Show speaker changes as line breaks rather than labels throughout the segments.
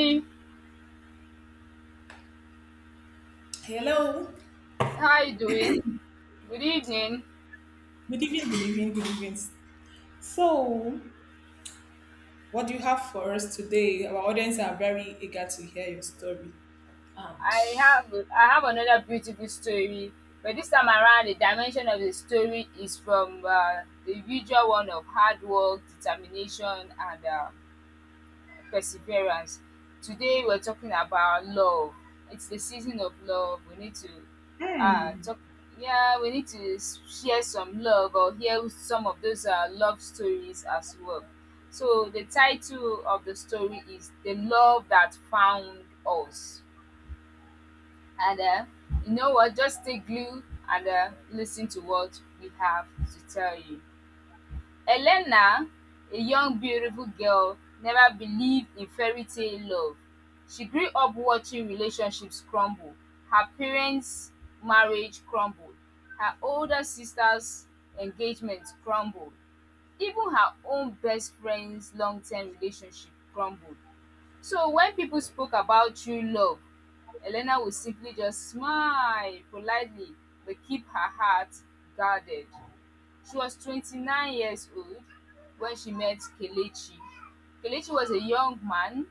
Hey,
Hello.
how you doing? Good evening.
Good evening, good evening, good evening. So, what do you have for us today? Our audience are very eager to hear your story. And
I have I have another beautiful story, but this time around the dimension of the story is from the usual one of hard work, determination, and perseverance. Today we're talking about love. It's the season of love. We need to uh talk yeah, we need to share some love or hear some of those love stories as well. So the title of the story is The Love That Found Us. And You know what? Just stay glued and listen to what we have to tell you. Elena, a young beautiful girl, never believed in fairy-tale love. She grew up watching relationships crumble; her parents' marriage crumbled, her older sister's engagement crumbled, even her own best friend's long-term relationship crumbled. So when people spoke about true love, Elena would simply just smile politely but keep her heart guarded. She was 29 years old when she met Kelechi. Kelechi was a young man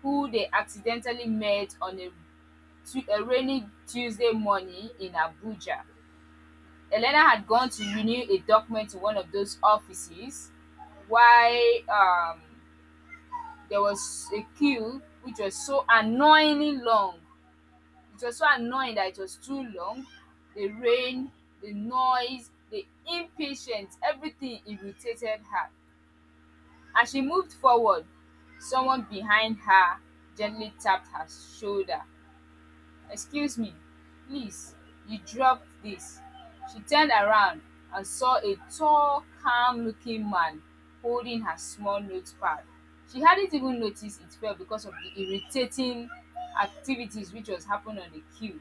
who they accidentally met on a rainy Tuesday morning in Abuja. Elena had gone to renew a document to one of those offices while there was a queue which was so annoyingly long. It was so annoying that it was too long. The rain, the noise, the impatience, everything irritated her. As she moved forward, someone behind her gently tapped her shoulder. Excuse me, please, you dropped this. She turned around and saw a tall, calm looking man holding her small notepad. She hadn't even noticed it fell because of the irritating activities which was happening on the queue.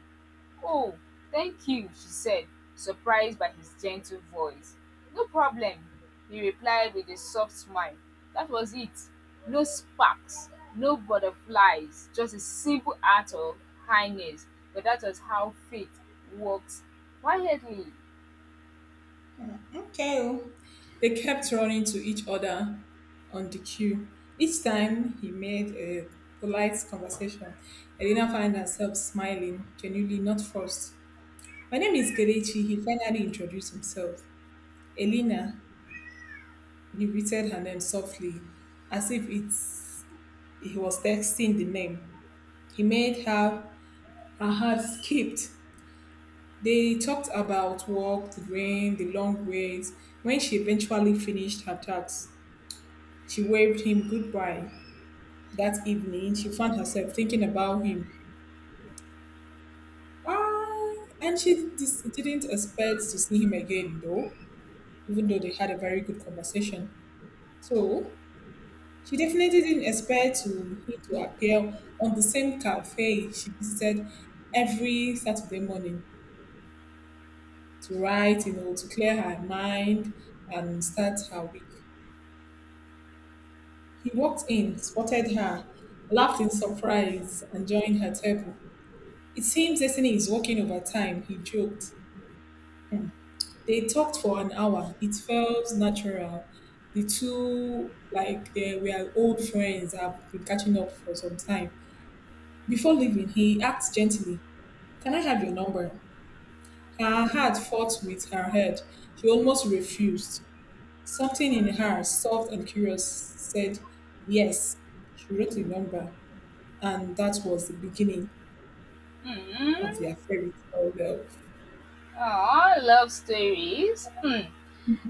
Oh, thank you, she said, surprised by his gentle voice. No problem, he replied with a soft smile. That was it. No sparks, no butterflies, just a simple act of kindness. But that was how fate works quietly.
okay, oh, they kept running to each other on the queue. Each time he made a polite conversation, Elena found herself smiling, genuinely not forced. My name is Gelechi, he finally introduced himself. Elena, he repeated her name softly, as if it's he was texting the name. He made her, her heart skipped. They talked about work, the rain, the long waits. When she eventually finished her task, she waved him goodbye. That evening, she found herself thinking about him. Ah, and she didn't expect to see him again, though, even though they had a very good conversation. So, she definitely didn't expect him to appear on the same cafe she visited every Saturday morning, to write, to clear her mind and start her week. He walked in, spotted her, laughed in surprise, and joined her table. It seems Destiny is working overtime, he joked. Hmm. They talked for an hour. It felt natural. The two, like, they were old friends, have been catching up for some time. Before leaving, he asked gently, Can I have your number? Her heart fought with her head. She almost refused. Something in her, soft and curious, said yes. She wrote a number, and that was the beginning of
Mm.
their fairy tale love.
Aw, love stories. Hmm.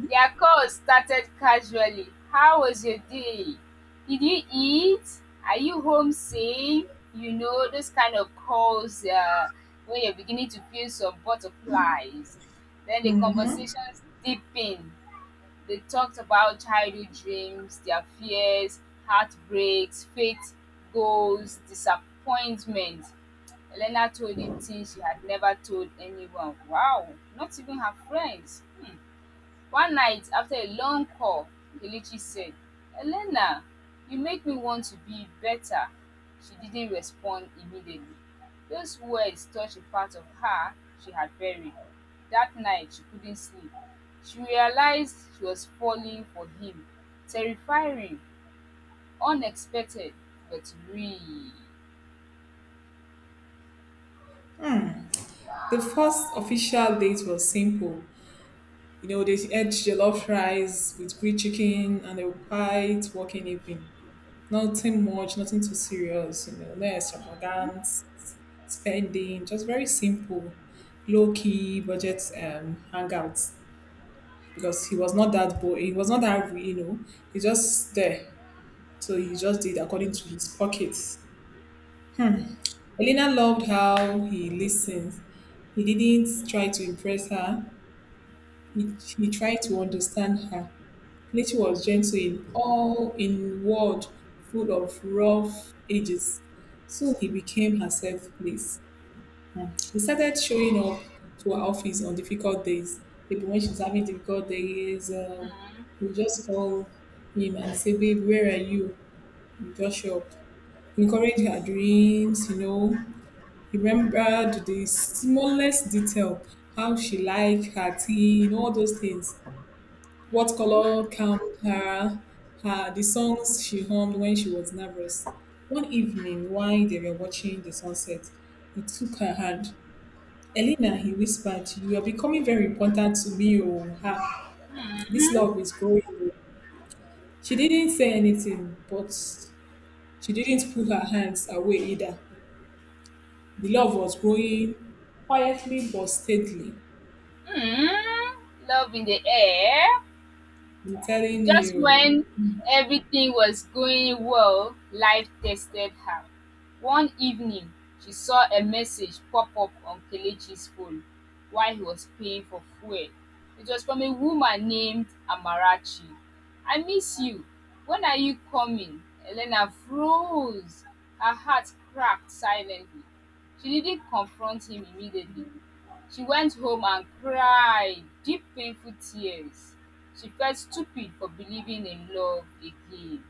Their call started casually “How was your day?”, “Did you eat?”, “Are you homesick?” You know, those kind of calls when you're beginning to feel some butterflies. Then the
Hmm.
conversations deepened. They talked about childhood dreams, their fears, heartbreaks, faith, goals, disappointment. Elena told him things she had never told anyone. Wow, not even her friends. One night, after a long call, Kelechi said, “Elena, you make me want to be better.” She didn't respond immediately. Those words touched a part of her she had buried. That night, she couldn't sleep. She realized she was falling for him. Terrifying, unexpected, but real.
The first official date was simple. You know, they had jollof rice with grilled chicken and a quiet walking evening. Nothing much, nothing too serious, you know, no extravagance, spending, just very simple, low key budget hangouts. Because he was not that boy. He was not that, you know. He's just there, so he just did according to his pockets. Elena loved how he listened. He didn't try to impress her. He tried to understand her. Kelechi was gentle in all in world full of rough edges. Soon he became herself, please. She started showing up to her office on difficult days. Maybe when she's having difficult days,
Mm,
you just call him and say, Babe, where are you? You just show up. Encourage her dreams, you know. He remembered the smallest detail, how she liked her tea, you know, all those things. What
mhm,
color calmed her, the songs she hummed when she was nervous. One evening, while they were watching the sunset, he took her hand. Elena, he whispered, you are becoming very important to me. Oh, ha. This love
mm,
is growing. Oh." She didn't say anything, but she didn't put her hands away either. The love was growing quietly but steadily.
mm, love in the air.
I'm telling
Just
you.
when everything was going well, life tested her. One evening, she saw a message pop up on Kelechi's phone while he was paying for fuel. It was from a woman named Amarachi. I miss you. When are you coming? Elena froze. Her heart cracked silently. She didn't confront him immediately. She went home and cried deep painful tears. She felt stupid for believing in love again.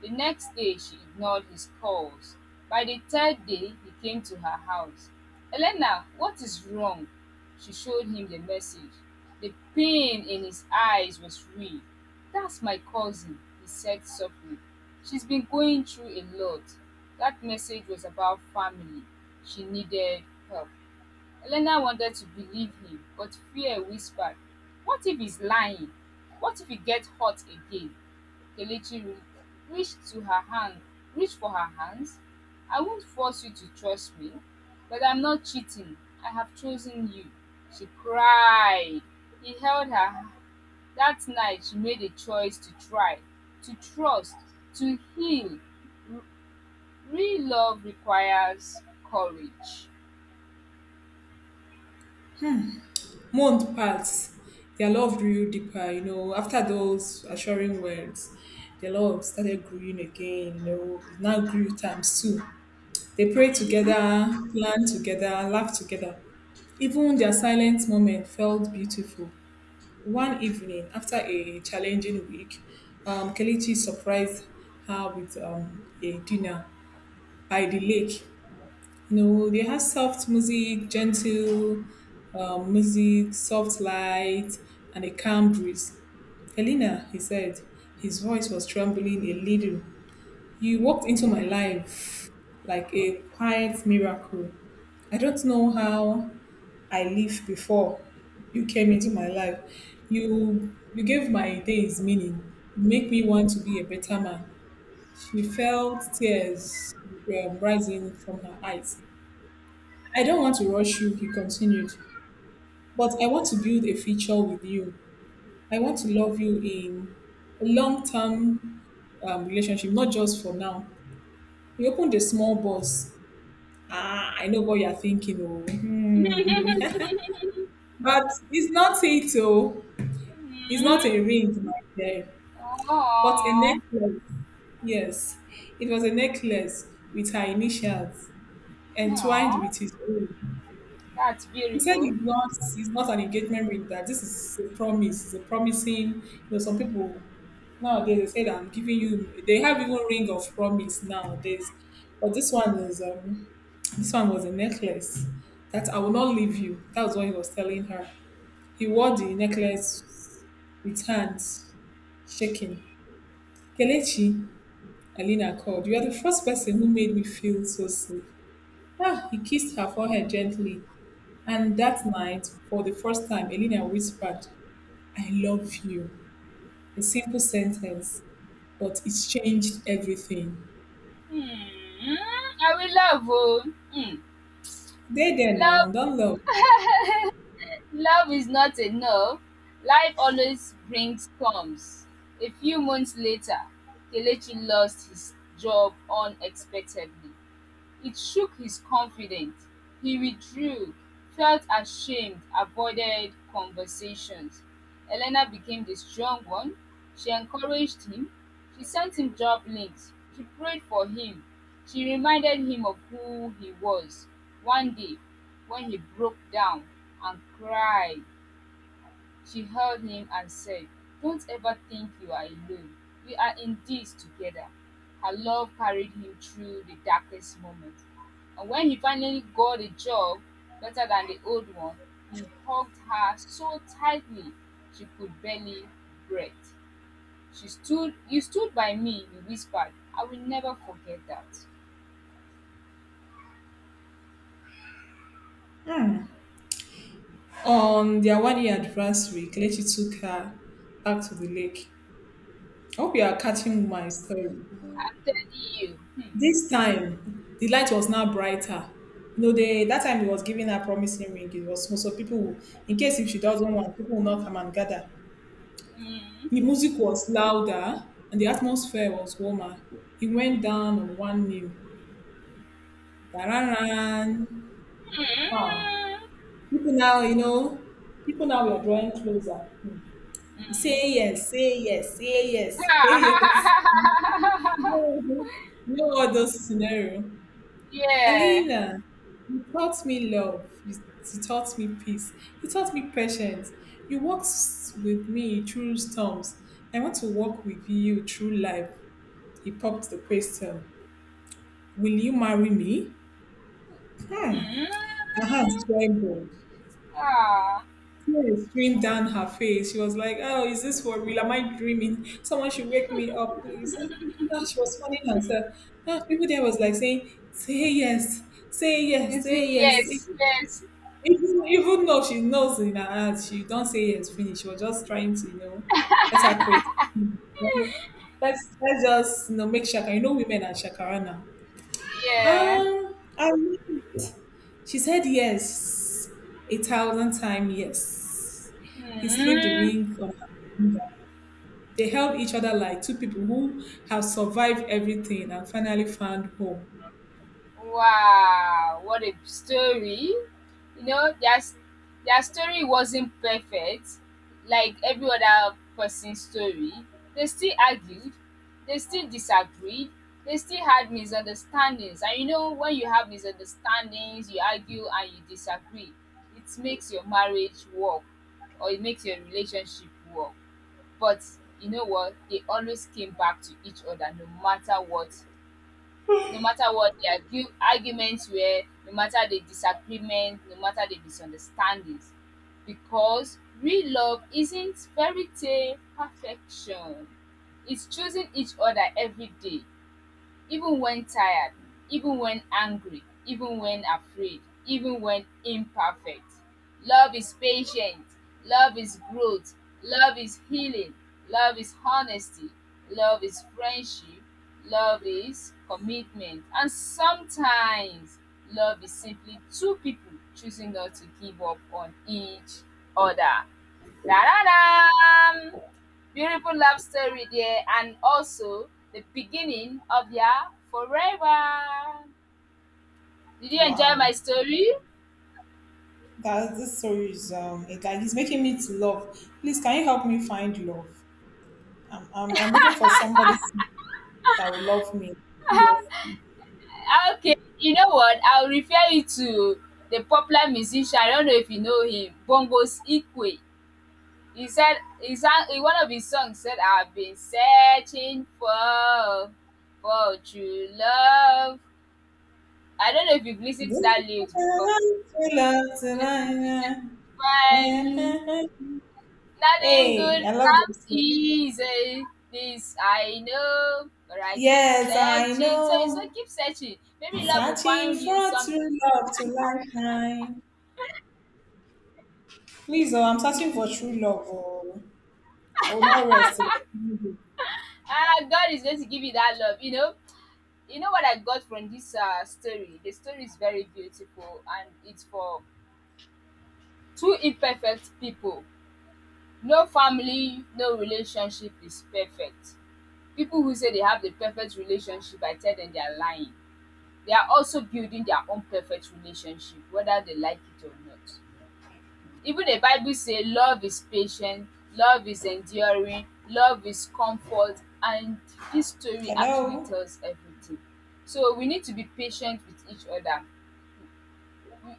The next day she ignored his calls. By the third day he came to her house. Elena, what is wrong? She showed him the message. The pain in his eyes was real. That's my cousin, he said softly. She's been going through a lot. That message was about family. She needed help. Elena wanted to believe him, but fear whispered, what if he's lying? What if he gets hurt again? Kelechi reached to her hand, reached for her hands. I won't force you to trust me, but I'm not cheating. I have chosen you. She cried. He held her. That night, she made a choice to try, to trust, to heal. Re- Real love requires courage.
Month passed. Their love grew deeper, you know. After those assuring words, their love started growing again, you know. It now grew times two. They pray together, plan together, laugh together. Even their silent moment felt beautiful. One evening, after a challenging week, Kelechi surprised her with a dinner by the lake. You know, they had soft music, gentle music, soft light, and a calm breeze. Elena, he said, his voice was trembling a little. You walked into my life like a quiet miracle. I don't know how I lived before you came into my life. You gave my days meaning. You make me want to be a better man. She felt tears rising from her eyes. I don't want to rush you, he continued, but I want to build a future with you. I want to love you in a long term relationship, not just for now. He opened a small box. Ah, I know what you're thinking, oh. Hmm. But it's not it, oh. It's not
Hmm.
a ring, my dear. But a
Oh,
necklace. Yes. It was a necklace with her initials entwined
oh,
with his own.
that's
He said
beautiful.
it's not an engagement ring, that this is a promise, it's a promising. You know, some people nowadays they say that I'm giving you they have even ring of promise nowadays. But this one was a necklace that I will not leave you. That was what he was telling her. He wore the necklace with hands shaking. Kelechi, Alina called. You are the first person who made me feel so safe. Ah, he kissed her forehead gently, and that night, for the first time, Elena whispered, I love you. A simple sentence, but it changed everything.
Hmm. I will love you. Hmm.
They there now,
Love,
don't love.
love is not enough. Life always brings storms. A few months later, Kelechi lost his job unexpectedly. It shook his confidence; he withdrew, felt ashamed, avoided conversations. Elena became the strong one. She encouraged him. She sent him job links. She prayed for him. She reminded him of who he was. One day, when he broke down and cried, she held him and said, "Don't ever think you are alone. We are in this together." Her love carried him through the darkest moments. And when he finally got a job better than the old one, he hugged her so tightly she could barely breathe. "You stood by me," he whispered. "I will never forget that."
On their 1 year anniversary, Kelechi took her back to the lake. I hope you are catching my story.
I'm telling you. Hmm.
This time, the light was now brighter. You know, they, that time he was giving her promising ring. It was so, so people, will, in case if she doesn't want, people will not come and gather.
Mm.
The music was louder and the atmosphere was warmer. He went down on one knee. Dararan. Wow.
Mm.
People now, you know, people now were drawing closer. Hmm. Say yes, say yes, say yes, say
Mm.
yes. You know all those scenario.
Yeah.
Elena, you taught me love. You taught me peace. You taught me patience. You walked with me through storms. I want to walk with you through life. He popped the question, Will you marry me? Hmm.
Mm.
Her hands trembled.
Ah,
Tears streamed down her face. She was like, Oh, is this for real? Am I dreaming? Someone should wake me up, please. Ah, she was fanning herself. Ah, people there was like saying, Say yes, say yes,
is it?
say yes. E,
Yes, yes,
Even though she knows in her heart, she don't say yes, finish. She was just trying to, you know, let her create. Let's just, you know, make shakara. You know, women are shakara now.
yeah.
I She said yes, 1,000 times yes. He slipped the
Mm.
ring on her finger. They held each other like two people who have survived everything and finally found home.
Wow, what a story. You know, their story wasn't perfect, like every other person's story. They still argued, they still disagreed, they still had misunderstandings. And you know, when you have misunderstandings, you argue and you disagree, it makes your marriage work or it makes your relationship work. But you know what? They always came back to each other no matter what, no matter what arguments were, no matter the disagreement, no matter the misunderstandings. Because real love isn't fairy tale perfection, it's choosing each other every day, even when tired, even when angry, even when afraid, even when imperfect. Love is patient. Love is growth. Love is healing. Love is honesty. Love is friendship. Love is commitment. And sometimes love is simply two people choosing not to give up on each other. Da da da! Beautiful love story there and also the beginning of their forever. Did you enjoy my
Wow.
story?
That this story is it, like it's making me to love. Please can you help me find love? I'm looking for somebody that will love me. Yes.
Okay, you know what? I'll refer you to the popular musician. I don't know if you know him, Bongos Ikwe. He said he sang in one of his songs said, "I've been searching for true love." I don't know if you've listened to that lyrics before. He said, "Find Nothing
Hey,
good
I love
comes
that.
easy. This I know, but I keep
Yes, I
searching. So you so
know.
keep searching. Maybe love will
Searching
find you
for
someday.
true love to lifetime. Please, oh, I'm searching for true
Mm-hmm.
love. Oh, I will not rest till I find you.
Ah, God is going to give you that love. You know what I got from this story. The story is very beautiful, and it's for two imperfect people. No family, no relationship is perfect. People who say they have the perfect relationship, I tell them they are lying. They are also building their own perfect relationship, whether they like it or not. Even the Bible says love is patient, love is enduring, love is comfort, and this story actually
Hello.
tells everything. So we need to be patient with each other.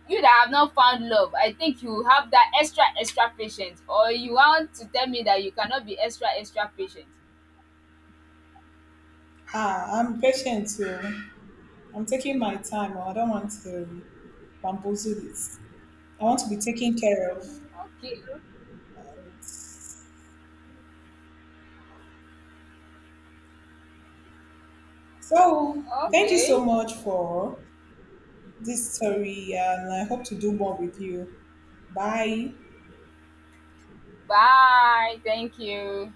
You that have not found love, I think you have that extra extra patience, or you want to tell me that you cannot be extra extra patient.
Ah, I'm patient too. I'm taking my time. Oh, I don't want to bamboozle this. I want to be taken care of.
Okay,
So, thank you
okay.
so much for this story, and I hope to do more with you. Bye.
Bye. Thank you.